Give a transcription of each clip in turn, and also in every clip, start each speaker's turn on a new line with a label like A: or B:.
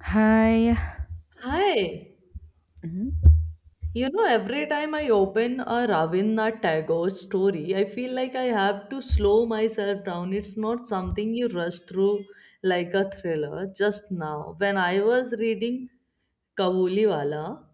A: Hi.
B: Hi.
A: Mhm.
B: You know, every time I open a Ravindra Tagore story, I feel like I have to slow myself down. It's not something you rush through like a thriller. Just now, when I was reading Kabuliwala,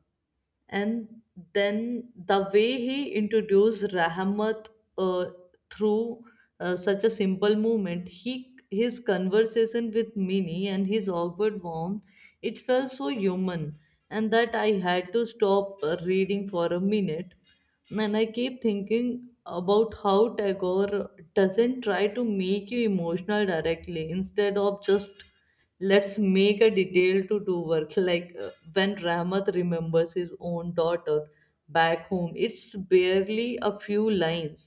B: and then the way he introduced Rahmat uh, through such a simple movement. He, his conversation with Minnie and his awkward warmth, it felt so human, and that I had to stop reading for a minute. And I keep thinking about how Tagore doesn't try to make you emotional directly instead of just let's make a detail to do work like when ramath remembers his own daughter back home, it's barely a few lines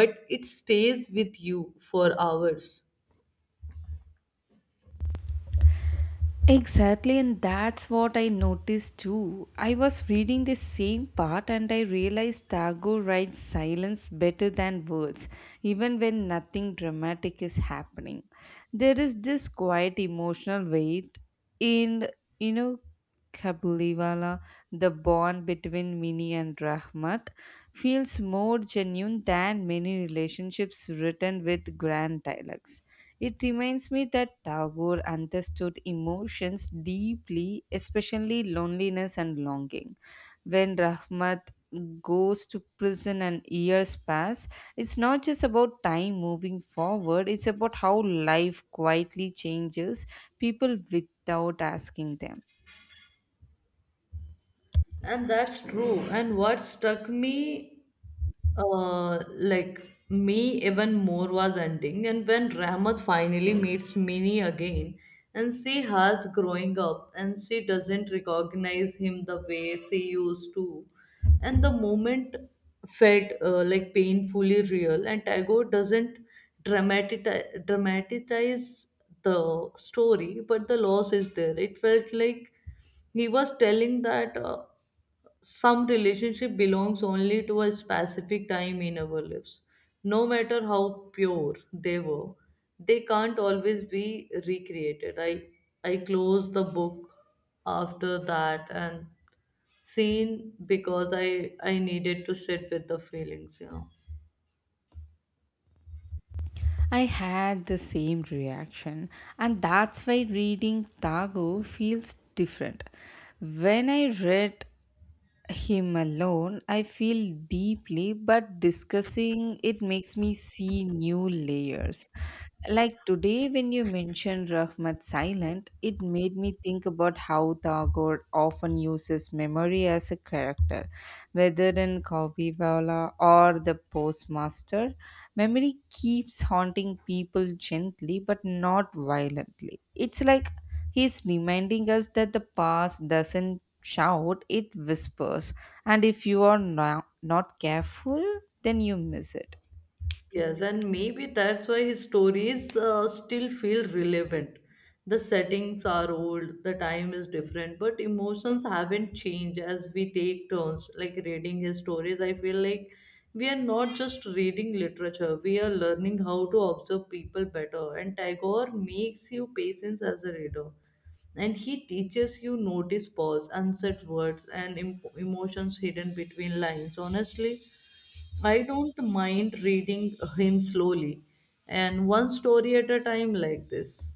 B: but it stays with you for hours.
A: Exactly, and that's what I noticed too. I was reading the same part and I realized Tagore writes silence better than words, even when nothing dramatic is happening. There is this quiet emotional weight in, you know, Kabuliwala, the bond between Mini and Rahmat feels more genuine than many relationships written with grand dialogues. It reminds me that Tagore understood emotions deeply, especially loneliness and longing. When Rahmat goes to prison and years pass, it's not just about time moving forward, it's about how life quietly changes people without asking them.
B: And that's true. And what struck me like me, even more was ending, and when Rahmat finally meets Mini again, and she has growing up, and she doesn't recognize him the way she used to, and the moment felt like painfully real, and Tagore doesn't dramatize the story, but the loss is there. It felt like he was telling that. Some relationship belongs only to a specific time in our lives, no matter how pure they were, they can't always be recreated. I closed the book after that and seen because I needed to sit with the feelings.
A: I had the same reaction, and that's why reading Tagore feels different. When I read him alone, I feel deeply, but discussing it makes me see new layers. Like today, when you mentioned Rahmat Silent, it made me think about how Tagore often uses memory as a character. Whether in Kaupiwala or the postmaster, memory keeps haunting people gently but not violently. It's like he's reminding us that the past doesn't shout, it whispers. And if you are not careful, then you miss it.
B: Yes, and maybe that's why his stories still feel relevant. The settings are old, the time is different, but emotions haven't changed as we take turns. Like reading his stories, I feel like we are not just reading literature, we are learning how to observe people better. And Tagore makes you patience as a reader. And he teaches you notice pause, unsaid words, and emotions hidden between lines. Honestly, I don't mind reading him slowly and one story at a time like this.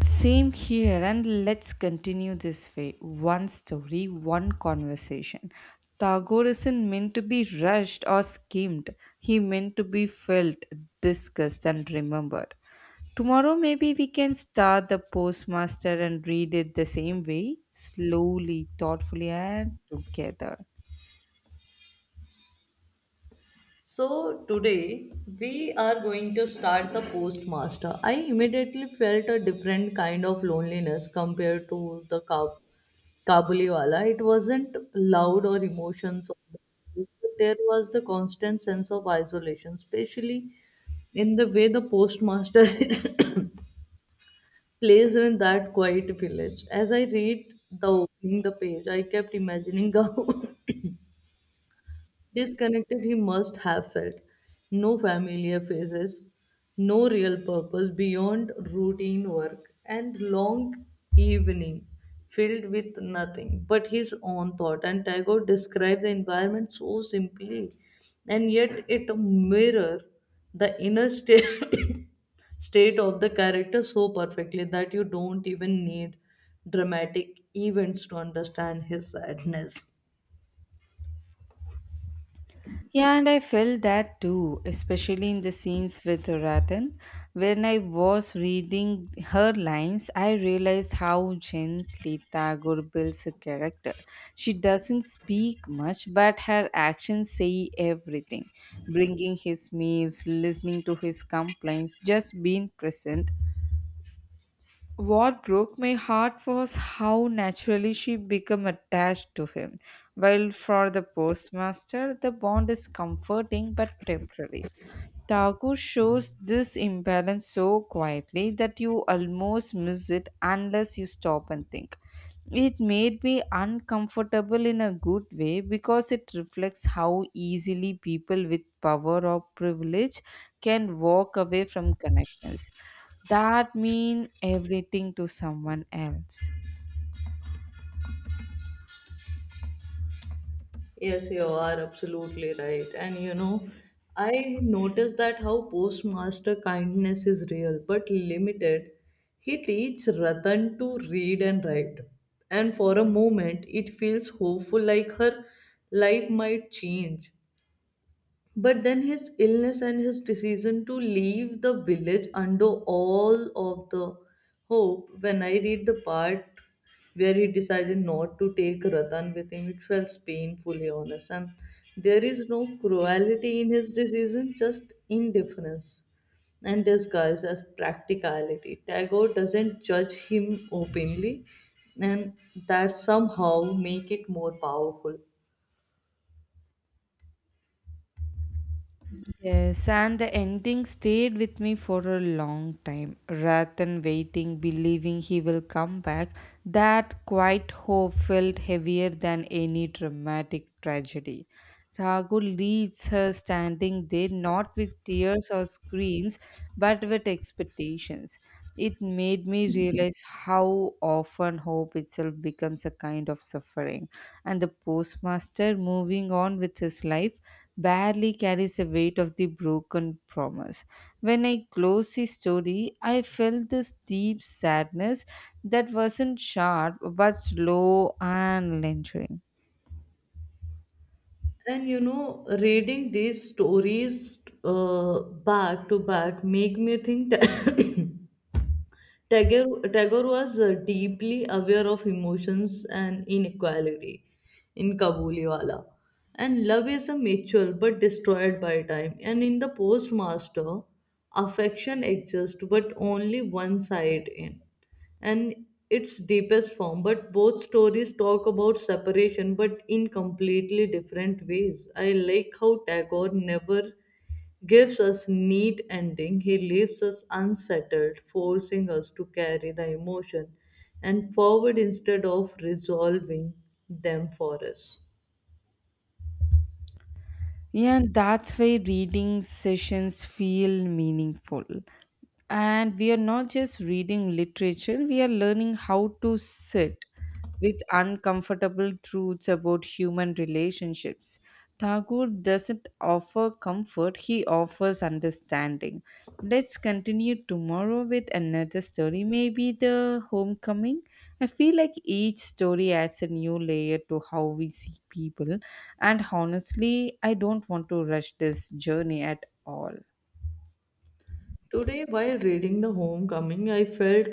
A: Same here, and let's continue this way, one story, one conversation. Tagore isn't meant to be rushed or skimmed, he meant to be felt, discussed, and remembered. Tomorrow, maybe we can start the postmaster and read it the same way, slowly, thoughtfully, and together.
B: So today we are going to start the postmaster. I immediately felt a different kind of loneliness compared to the Kabuliwala. It wasn't loud or emotions. But there was the constant sense of isolation, especially in the way the postmaster is place in that quiet village. As I read the opening the page, I kept imagining how disconnected he must have felt. No familiar faces, no real purpose beyond routine work and long evening filled with nothing but his own thought. And Tagore described the environment so simply, and yet it mirror the inner state state of the character so perfectly that you don't even need dramatic events to understand his sadness.
A: Yeah, and I felt that too, especially in the scenes with Ratan. When I was reading her lines, I realized how gently Tagore builds a character. She doesn't speak much, but her actions say everything. Bringing his meals, listening to his complaints, just being present. What broke my heart was how naturally she became attached to him. While for the postmaster, the bond is comforting but temporary. Taku shows this imbalance so quietly that you almost miss it unless you stop and think. It made me uncomfortable in a good way because it reflects how easily people with power or privilege can walk away from connections that mean everything to someone else.
B: Yes, you are absolutely right. And you know, I noticed that how postmaster kindness is real but limited. He teaches Ratan to read and write. And for a moment, it feels hopeful like her life might change. But then his illness and his decision to leave the village undo all of the hope. When I read the part where he decided not to take Ratan with him, it felt painfully honest. And there is no cruelty in his decision, just indifference and disguised as practicality. Tagore doesn't judge him openly, and that somehow make it more powerful.
A: Yes, and the ending stayed with me for a long time. Rather than waiting, believing he will come back, that quiet hope felt heavier than any dramatic tragedy. Tagore leaves her standing there, not with tears or screams, but with expectations. It made me realize how often hope itself becomes a kind of suffering. And the postmaster, moving on with his life, barely carries the weight of the broken promise. When I close the story, I felt this deep sadness that wasn't sharp but slow and lingering.
B: And you know, reading these stories back to back make me think. Tagore was deeply aware of emotions and inequality in Kabuliwala. And love is a mutual but destroyed by time. And in the postmaster, affection exists but only one side in. And its deepest form. But both stories talk about separation but in completely different ways. I like how Tagore never gives us neat ending, he leaves us unsettled, forcing us to carry the emotion and forward instead of resolving them for us.
A: Yeah, and that's why reading sessions feel meaningful. And we are not just reading literature, we are learning how to sit with uncomfortable truths about human relationships. Tagore doesn't offer comfort, he offers understanding. Let's continue tomorrow with another story, maybe The Homecoming. I feel like each story adds a new layer to how we see people, and honestly, I don't want to rush this journey at all.
B: Today while reading the homecoming, I felt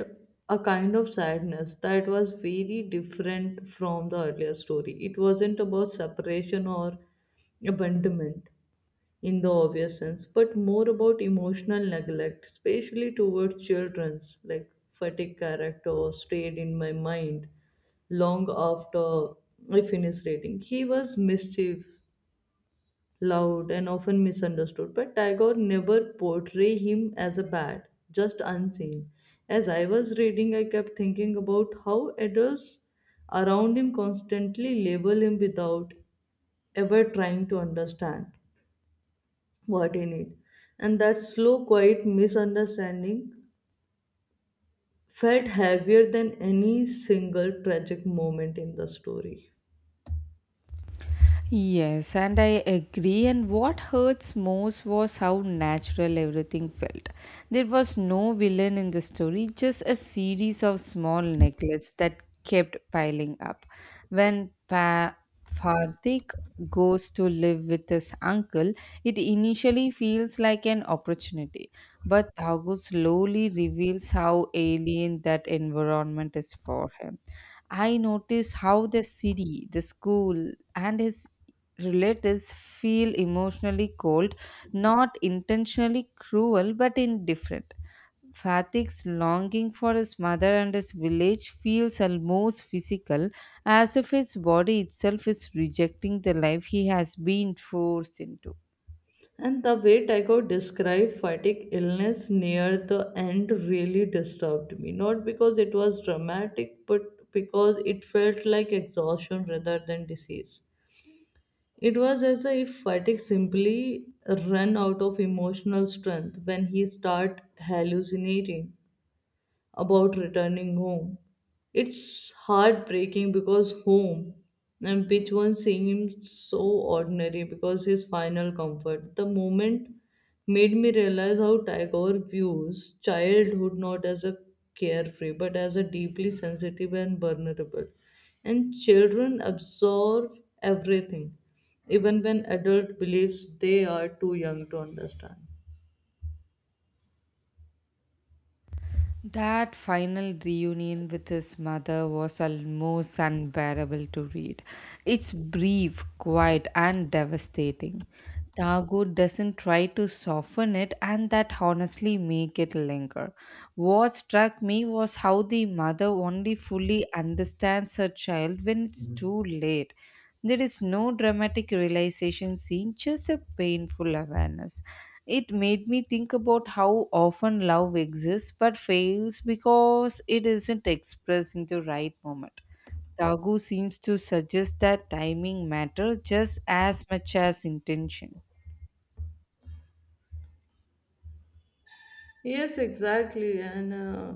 B: a kind of sadness that was very different from the earlier story. It wasn't about separation or abandonment in the obvious sense, but more about emotional neglect, especially towards children's like fatigue character stayed in my mind long after I finished reading. He was mischief, loud, and often misunderstood, but Tagore never portrayed him as a bad, just unseen. As I was reading, I kept thinking about how adults around him constantly label him without ever trying to understand what in it, and that slow quiet misunderstanding felt heavier than any single tragic moment in the story.
A: Yes, and I agree. And what hurts most was how natural everything felt. There was no villain in the story, just a series of small necklaces that kept piling up. When Fardik goes to live with his uncle, it initially feels like an opportunity, but Thago slowly reveals how alien that environment is for him. I notice how the city, the school, and his relatives feel emotionally cold, not intentionally cruel but indifferent. Fatik's longing for his mother and his village feels almost physical, as if his body itself is rejecting the life he has been forced into.
B: And the way tycho described fatigue illness near the end really disturbed me, not because it was dramatic but because it felt like exhaustion rather than disease. It was as if fatigue simply ran out of emotional strength when he started hallucinating about returning home. It's heartbreaking because home and which one seems so ordinary because his final comfort. The moment made me realize how Tagore views childhood not as a carefree but as a deeply sensitive and vulnerable. And children absorb everything, even when adult believes they are too young to understand.
A: That final reunion with his mother was almost unbearable to read. It's brief, quiet, and devastating. Tagore doesn't try to soften it, and that honestly make it linger. What struck me was how the mother only fully understands her child when it's too late. There is no dramatic realization scene, just a painful awareness. It made me think about how often love exists but fails because it isn't expressed in the right moment. Tagu seems to suggest that timing matters just as much as intention.
B: Yes, exactly. And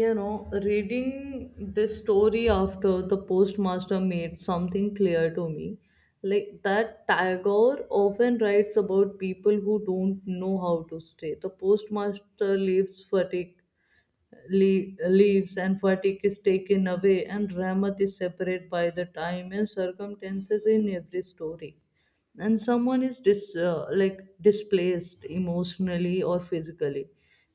B: you know, reading this story after the postmaster made something clear to me, like that tagore often writes about people who don't know how to stay. The postmaster leaves fatigue, leaves, and fatigue is taken away, and Ramat is separate by the time and circumstances. In every story, and someone is like displaced emotionally or physically,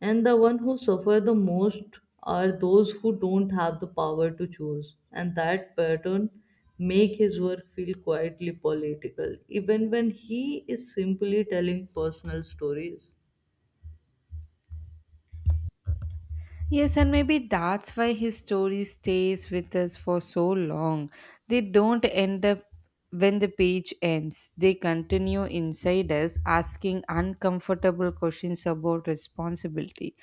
B: and the one who suffer the most are those who don't have the power to choose, and that pattern make his work feel quietly political even when he is simply telling personal stories.
A: Yes, and maybe that's why his story stays with us for so long. They don't end up when the page ends, they continue inside us, asking uncomfortable questions about responsibility,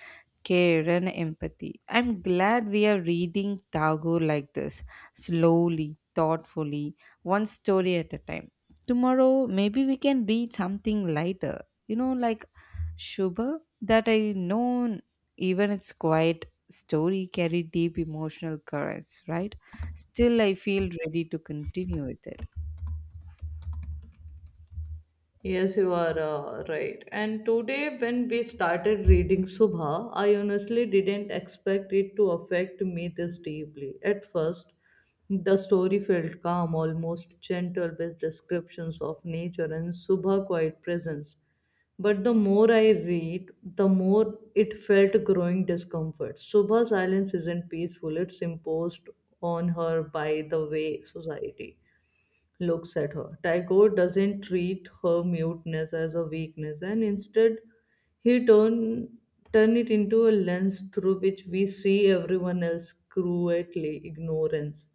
A: care, and empathy. I'm glad we are reading Tagore like this, slowly, thoughtfully, one story at a time. Tomorrow, maybe we can read something lighter, you know, like Shubha, that I know even its quiet story carried deep emotional currents, right? Still I feel ready to continue with it.
B: Yes, you are right. And today, when we started reading Subha, I honestly didn't expect it to affect me this deeply. At first, the story felt calm, almost gentle, with descriptions of nature and Subha quiet presence. But the more I read, the more it felt growing discomfort. Subha's silence isn't peaceful, it's imposed on her by the way society looks at her. Tycho doesn't treat her muteness as a weakness, and instead, he turn it into a lens through which we see everyone else cruelly ignorance.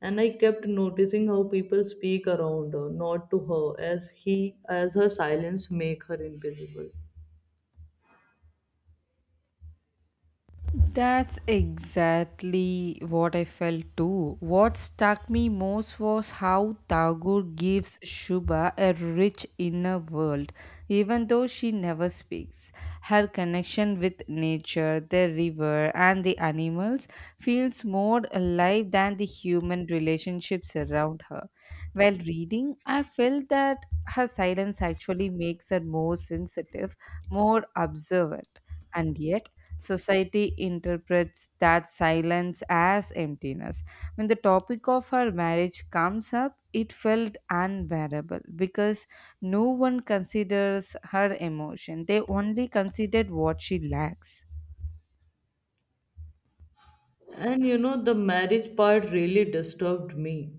B: And I kept noticing how people speak around her, not to her, as he as her silence make her invisible.
A: That's exactly what I felt too. What struck me most was how Tagore gives Shubha a rich inner world, even though she never speaks. Her connection with nature, the river, and the animals feels more alive than the human relationships around her. While reading, I felt that her silence actually makes her more sensitive, more observant. And yet, society interprets that silence as emptiness. When the topic of her marriage comes up, it felt unbearable because no one considers her emotion, they only considered what she lacks.
B: And you know, the marriage part really disturbed me.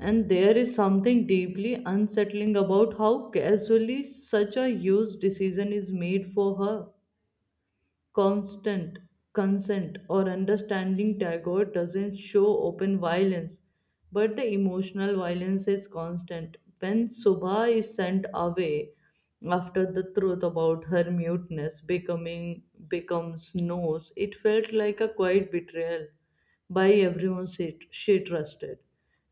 B: And there is something deeply unsettling about how casually such a huge decision is made for her constant consent or understanding. Tagore doesn't show open violence, but the emotional violence is constant. When subha is sent away after the truth about her muteness becoming becomes knows, it felt like a quiet betrayal by everyone she trusted,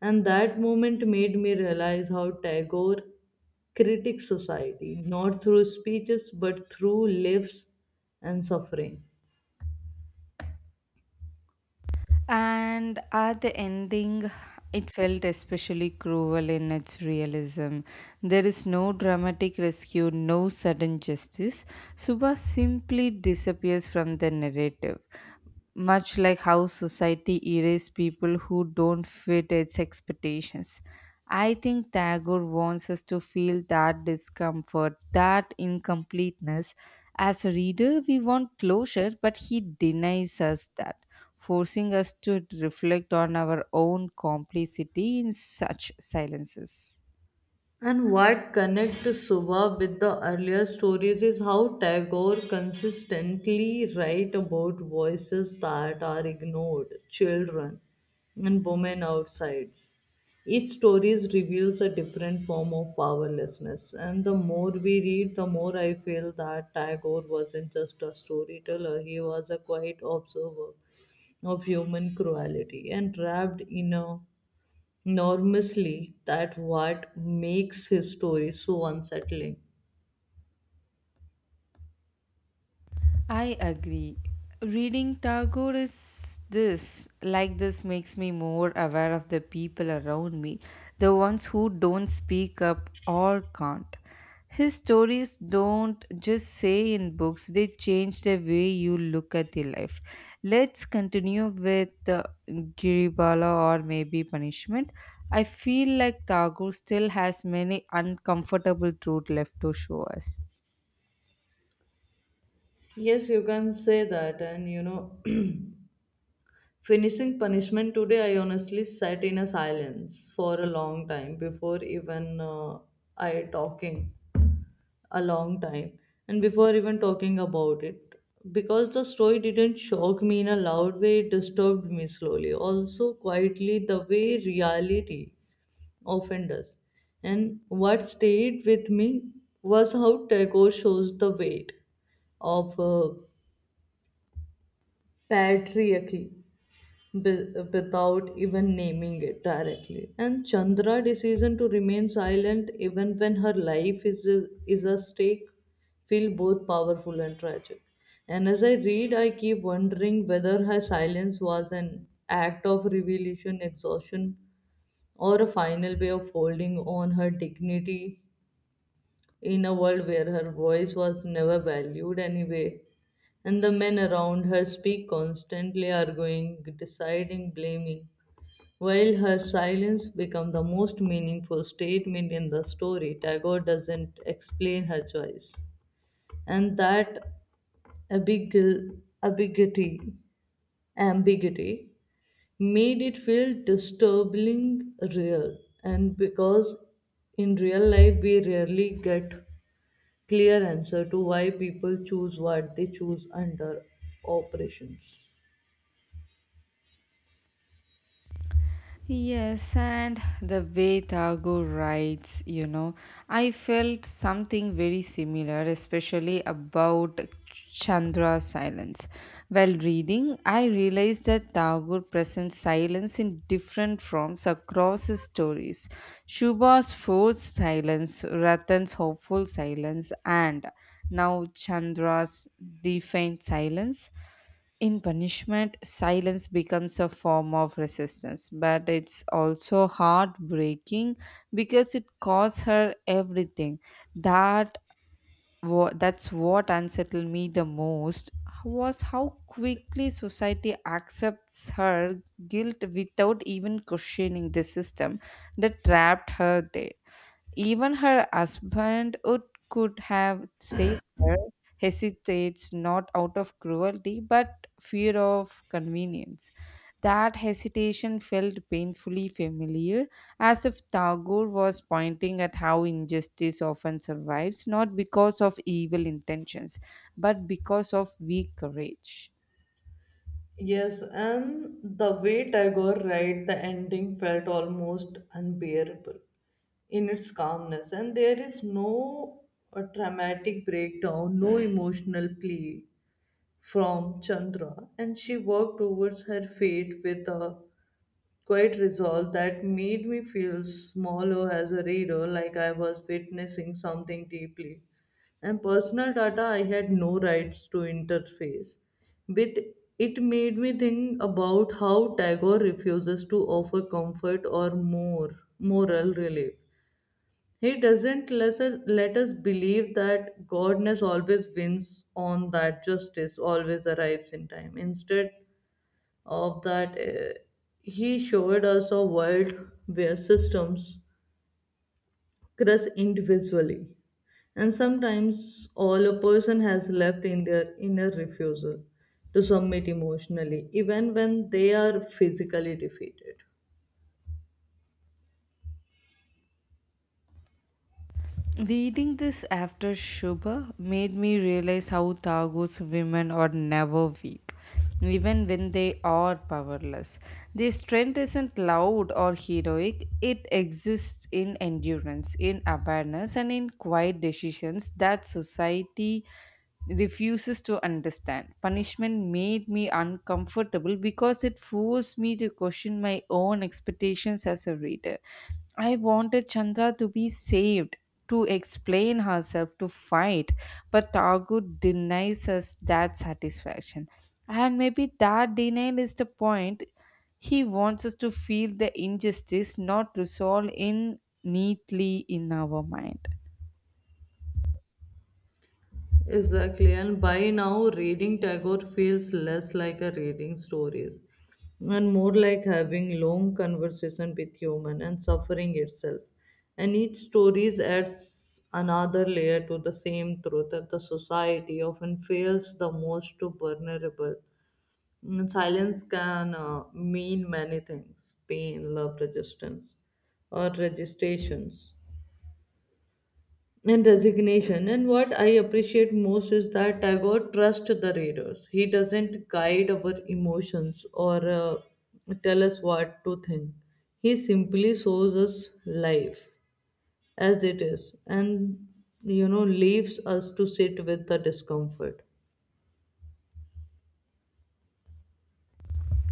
B: and that moment made me realize how tagore critics society not through speeches but through lives and suffering.
A: And at the ending, it felt especially cruel in its realism. There is no dramatic rescue, no sudden justice. Subha simply disappears from the narrative, much like how society erases people who don't fit its expectations. I think Tagore wants us to feel that discomfort, that incompleteness. As a reader, we want closure, but he denies us that, forcing us to reflect on our own complicity in such silences.
B: And what connects Suba with the earlier stories is how Tagore consistently writes about voices that are ignored, children and women outsides. Each story reveals a different form of powerlessness, and the more we read, the more I feel that Tagore wasn't just a storyteller, he was a quiet observer of human cruelty and wrapped in a enormously that what makes his story so unsettling.
A: I agree. Reading Tagore is this, like this, makes me more aware of the people around me, the ones who don't speak up or can't. His stories don't just say in books, they change the way you look at your life. Let's continue with Giribala or maybe Punishment. I feel like Tagore still has many uncomfortable truth left to show us.
B: Yes, you can say that. And you know, finishing punishment today, I honestly sat in a silence for a long time before even I talking a long time and before even talking about it, because the story didn't shock me in a loud way, it disturbed me slowly. Also, quietly, the way reality offenders. And what stayed with me was how Tagore shows the weight of patriarchy without even naming it directly. And Chandra' decision to remain silent even when her life is at stake feel both powerful and tragic. And as I read, I keep wondering whether her silence was an act of revelation, exhaustion, or a final way of holding on her dignity in a world where her voice was never valued anyway, and the men around her speak constantly, arguing, deciding, blaming, while her silence becomes the most meaningful statement in the story. Tagore doesn't explain her choice, and that ambig- ambiguity, ambiguity made it feel disturbingly real. And because in real life we rarely get clear answer to why people choose what they choose under operations.
A: Yes, and the way Tagore writes, you know, I felt something very similar, especially about Chandra's silence. While reading, I realized that Tagore presents silence in different forms across his stories. Shubha's forced silence, Ratan's hopeful silence, and now Chandra's defiant silence. In punishment, silence becomes a form of resistance, but it's also heartbreaking because it costs her everything. That that's what unsettled me the most was how quickly society accepts her guilt without even questioning the system that trapped her there. Even her husband, who could have saved her, hesitates not out of cruelty but fear of convenience. That hesitation felt painfully familiar, as if Tagore was pointing at how injustice often survives not because of evil intentions but because of weak courage.
B: Yes, and the way Tagore write the ending felt almost unbearable in its calmness, and there is no dramatic breakdown, no emotional plea from Chandra, and she worked towards her fate with a quite resolve that made me feel smaller as a reader, like I was witnessing something deeply. And personal data I had no rights to interface with. It made me think about how Tagore refuses to offer comfort or more moral relief. He doesn't let us believe that godness always wins on that justice always arrives in time. Instead, of that he showed us a world where systems crush individually, and sometimes all a person has left in their inner refusal to submit emotionally even when they are physically defeated.
A: Reading this after Shubha made me realize how Tagore's women are never weak, even when they are powerless. Their strength isn't loud or heroic, it exists in endurance, in awareness, and in quiet decisions that society refuses to understand. Punishment made me uncomfortable because it forced me to question my own expectations as a reader. I wanted Chandra to be saved, to explain herself, to fight, but Tagore denies us that satisfaction. And maybe that denial is the point. He wants us to feel the injustice not resolved in neatly in our mind.
B: Exactly, and by now, reading Tagore feels less like a reading stories and more like having long conversation with human and suffering itself. And each stories adds another layer to the same truth that the society often fails the most to vulnerable. And silence can mean many things: pain, love, resistance, or registrations and resignation. And what I appreciate most is that Tagore trusts the readers. He doesn't guide our emotions or tell us what to think. He simply shows us life as it is and, leaves us to sit with the discomfort.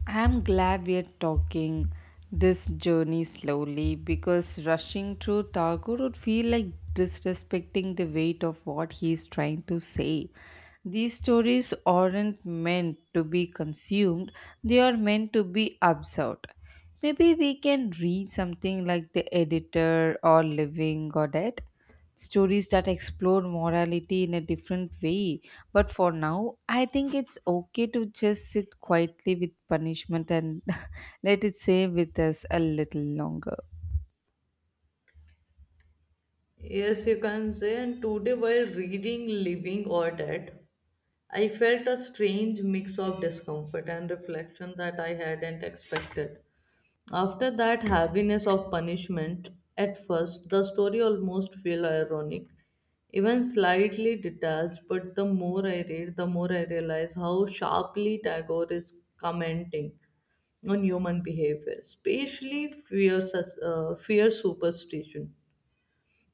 A: I'm glad we're talking this journey slowly because rushing through Tagore would feel like disrespecting the weight of what he's trying to say. These stories aren't meant to be consumed, they are meant to be absorbed. Maybe we can read something like The Editor or Living Godet, stories that explore morality in a different way, but for now, I think it's okay to just sit quietly with punishment and let it stay with us a little longer.
B: Yes, you can say. And today, while reading Living or Dead, I felt a strange mix of discomfort and reflection that I hadn't expected. After that heaviness of punishment, at first the story almost felt ironic, even slightly detached, but the more I read, the more I realize how sharply Tagore is commenting on human behavior, especially fear, fear superstition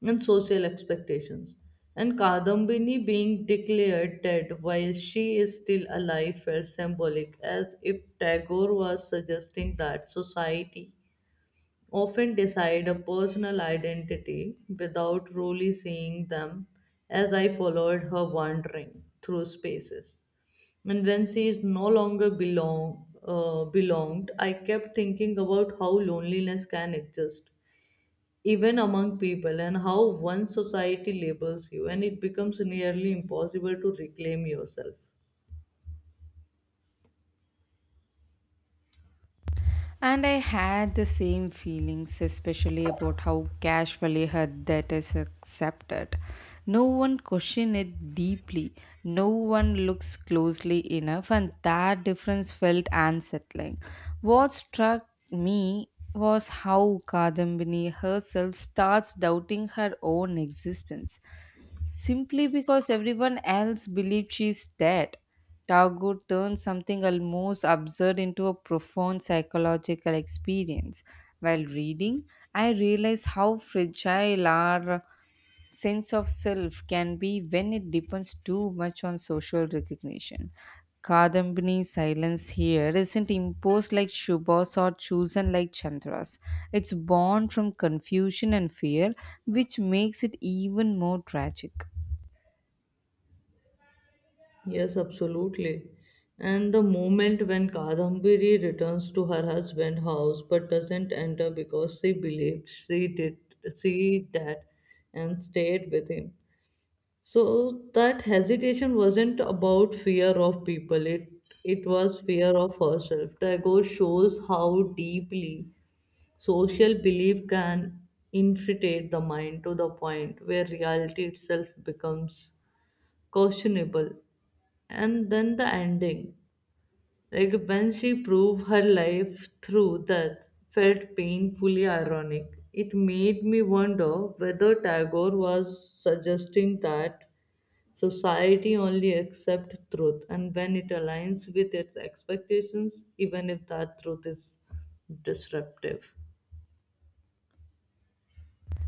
B: and social expectations. And Kadambini being declared dead while she is still alive felt symbolic, as if Tagore was suggesting that society often decide a personal identity without really seeing them as I followed her wandering through spaces. And when she is no longer belonged, I kept thinking about how loneliness can exist even among people, and how one society labels you, and it becomes nearly impossible to reclaim yourself.
A: And I had the same feelings, especially about how casually her debt is accepted. No one questioned it deeply, no one looks closely enough, and that difference felt unsettling. What struck me was how Kadambini herself starts doubting her own existence, simply because everyone else believed she's dead. Tagore turned something almost absurd into a profound psychological experience. While reading, I realized how fragile our sense of self can be when it depends too much on social recognition. Kadambini's silence here isn't imposed like Shubha's or chosen like Chandra's. It's born from confusion and fear, which makes it even more tragic.
B: Yes, absolutely. And the moment when Kadambiri returns to her husband's house but doesn't enter because she believed she did, she that and stayed with him. So that hesitation wasn't about fear of people, it was fear of herself. Tagore shows how deeply social belief can infiltrate the mind to the point where reality itself becomes questionable. And then the ending, like when she proved her life through death, felt painfully ironic. It made me wonder whether Tagore was suggesting that society only accepts truth and when it aligns with its expectations, even if that truth is disruptive.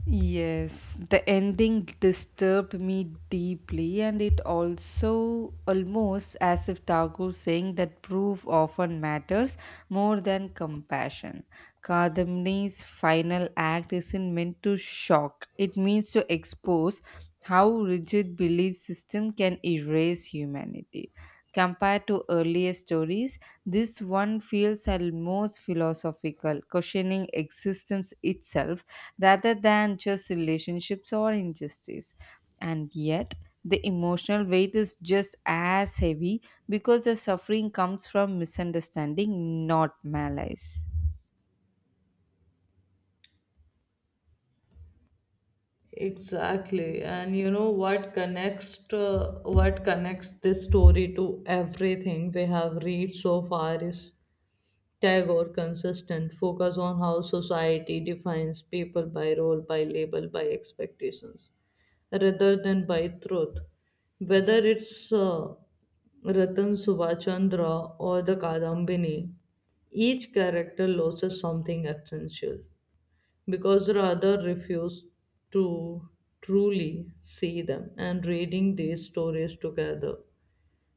A: Yes, the ending disturbed me deeply, and it also almost as if Tagore saying that proof often matters more than compassion. Kadamni's final act isn't meant to shock, it means to expose how rigid belief system can erase humanity. Compared to earlier stories, this one feels a most philosophical, questioning existence itself rather than just relationships or injustice. And yet, the emotional weight is just as heavy because the suffering comes from misunderstanding, not malice.
B: Exactly. And you know what connects this story to everything we have read so far is Tagore consistent focus on how society defines people by role, by label, by expectations, rather than by truth. Whether it's Ratan Subhachandra or the Kadambini, each character loses something essential because rather refuse to truly see them, and reading these stories together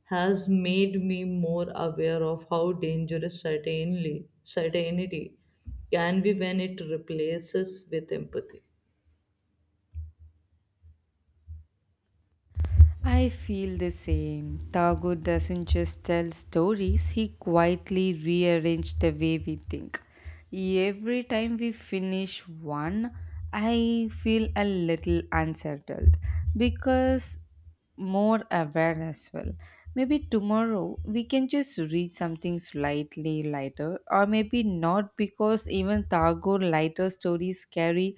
B: has made me more aware of how dangerous certainly certainty can be when it replaces with empathy.
A: I feel the same. Tagore doesn't just tell stories, he quietly rearranges the way we think. Every time we finish one, I feel a little unsettled because more aware as well. Maybe tomorrow we can just read something slightly lighter, or maybe not, because even Tagore lighter stories carry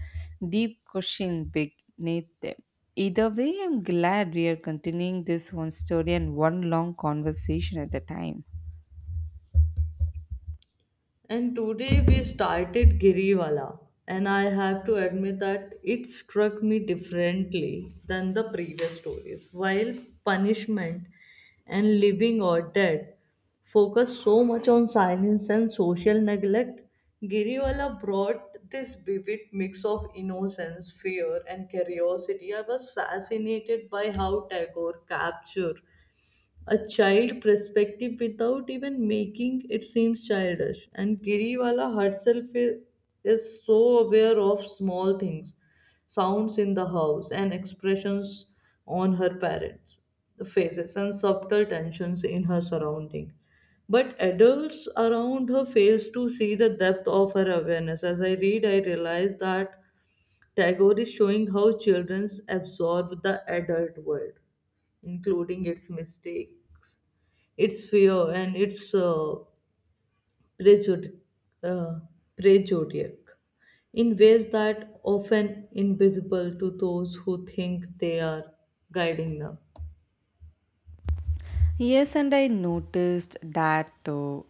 A: deep question beneath them. Either way, I'm glad we are continuing this one story and one long conversation at a time.
B: And today we started Giriwala, and I have to admit that it struck me differently than the previous stories. While punishment and living or dead focus so much on silence and social neglect, Giriwala brought this vivid mix of innocence, fear, and curiosity. I was fascinated by how Tagore captured a child perspective without even making it seems childish. And Giriwala herself is so aware of small things, sounds in the house, and expressions on her parents' faces, and subtle tensions in her surroundings. But adults around her fails to see the depth of her awareness. As I read, I realize that Tagore is showing how children absorb the adult world including its mistakes, its fear, and its prejudi- uh, prejudice in ways that often invisible to those who think they are guiding them.
A: Yes, and I noticed that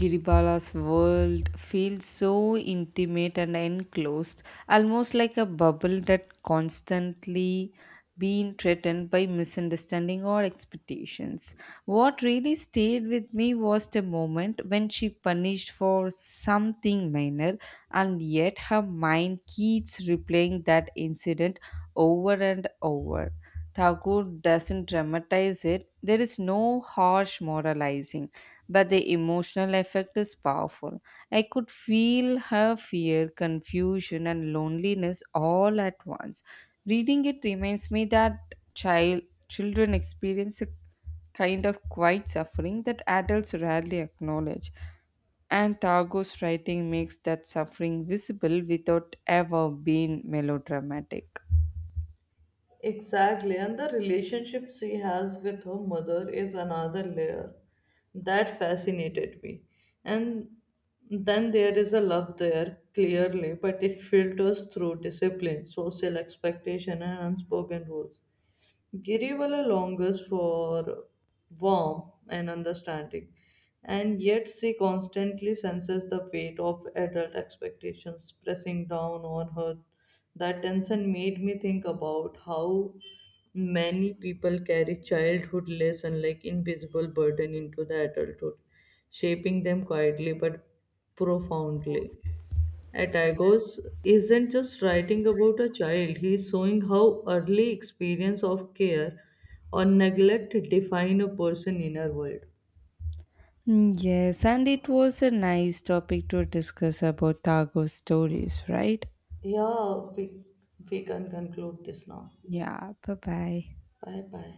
A: Giribala's world feels so intimate and enclosed, almost like a bubble that constantly being threatened by misunderstanding or expectations. What really stayed with me was the moment when she punished for something minor, and yet her mind keeps replaying that incident over and over. Thakur doesn't dramatize it. There is no harsh moralizing, but the emotional effect is powerful. I could feel her fear, confusion, and loneliness all at once. Reading it reminds me that child children experience a kind of quiet suffering that adults rarely acknowledge. And Tagor's writing makes that suffering visible without ever being melodramatic.
B: Exactly, and the relationship she has with her mother is another layer that fascinated me. And then there is a love there, clearly, but it filters through discipline, social expectation, and unspoken rules. Giriwala longs for warmth and understanding, and yet she constantly senses the weight of adult expectations pressing down on her. That tension made me think about how many people carry childhood lesson like invisible burden into the adulthood, shaping them quietly but profoundly. Atagos isn't just writing about a child, he's showing how early experience of care or neglect define a person's inner world.
A: Mm, yes, and it was a nice topic to discuss about Tagore stories, right?
B: Yeah, we can conclude this now.
A: Yeah, bye bye.
B: Bye bye.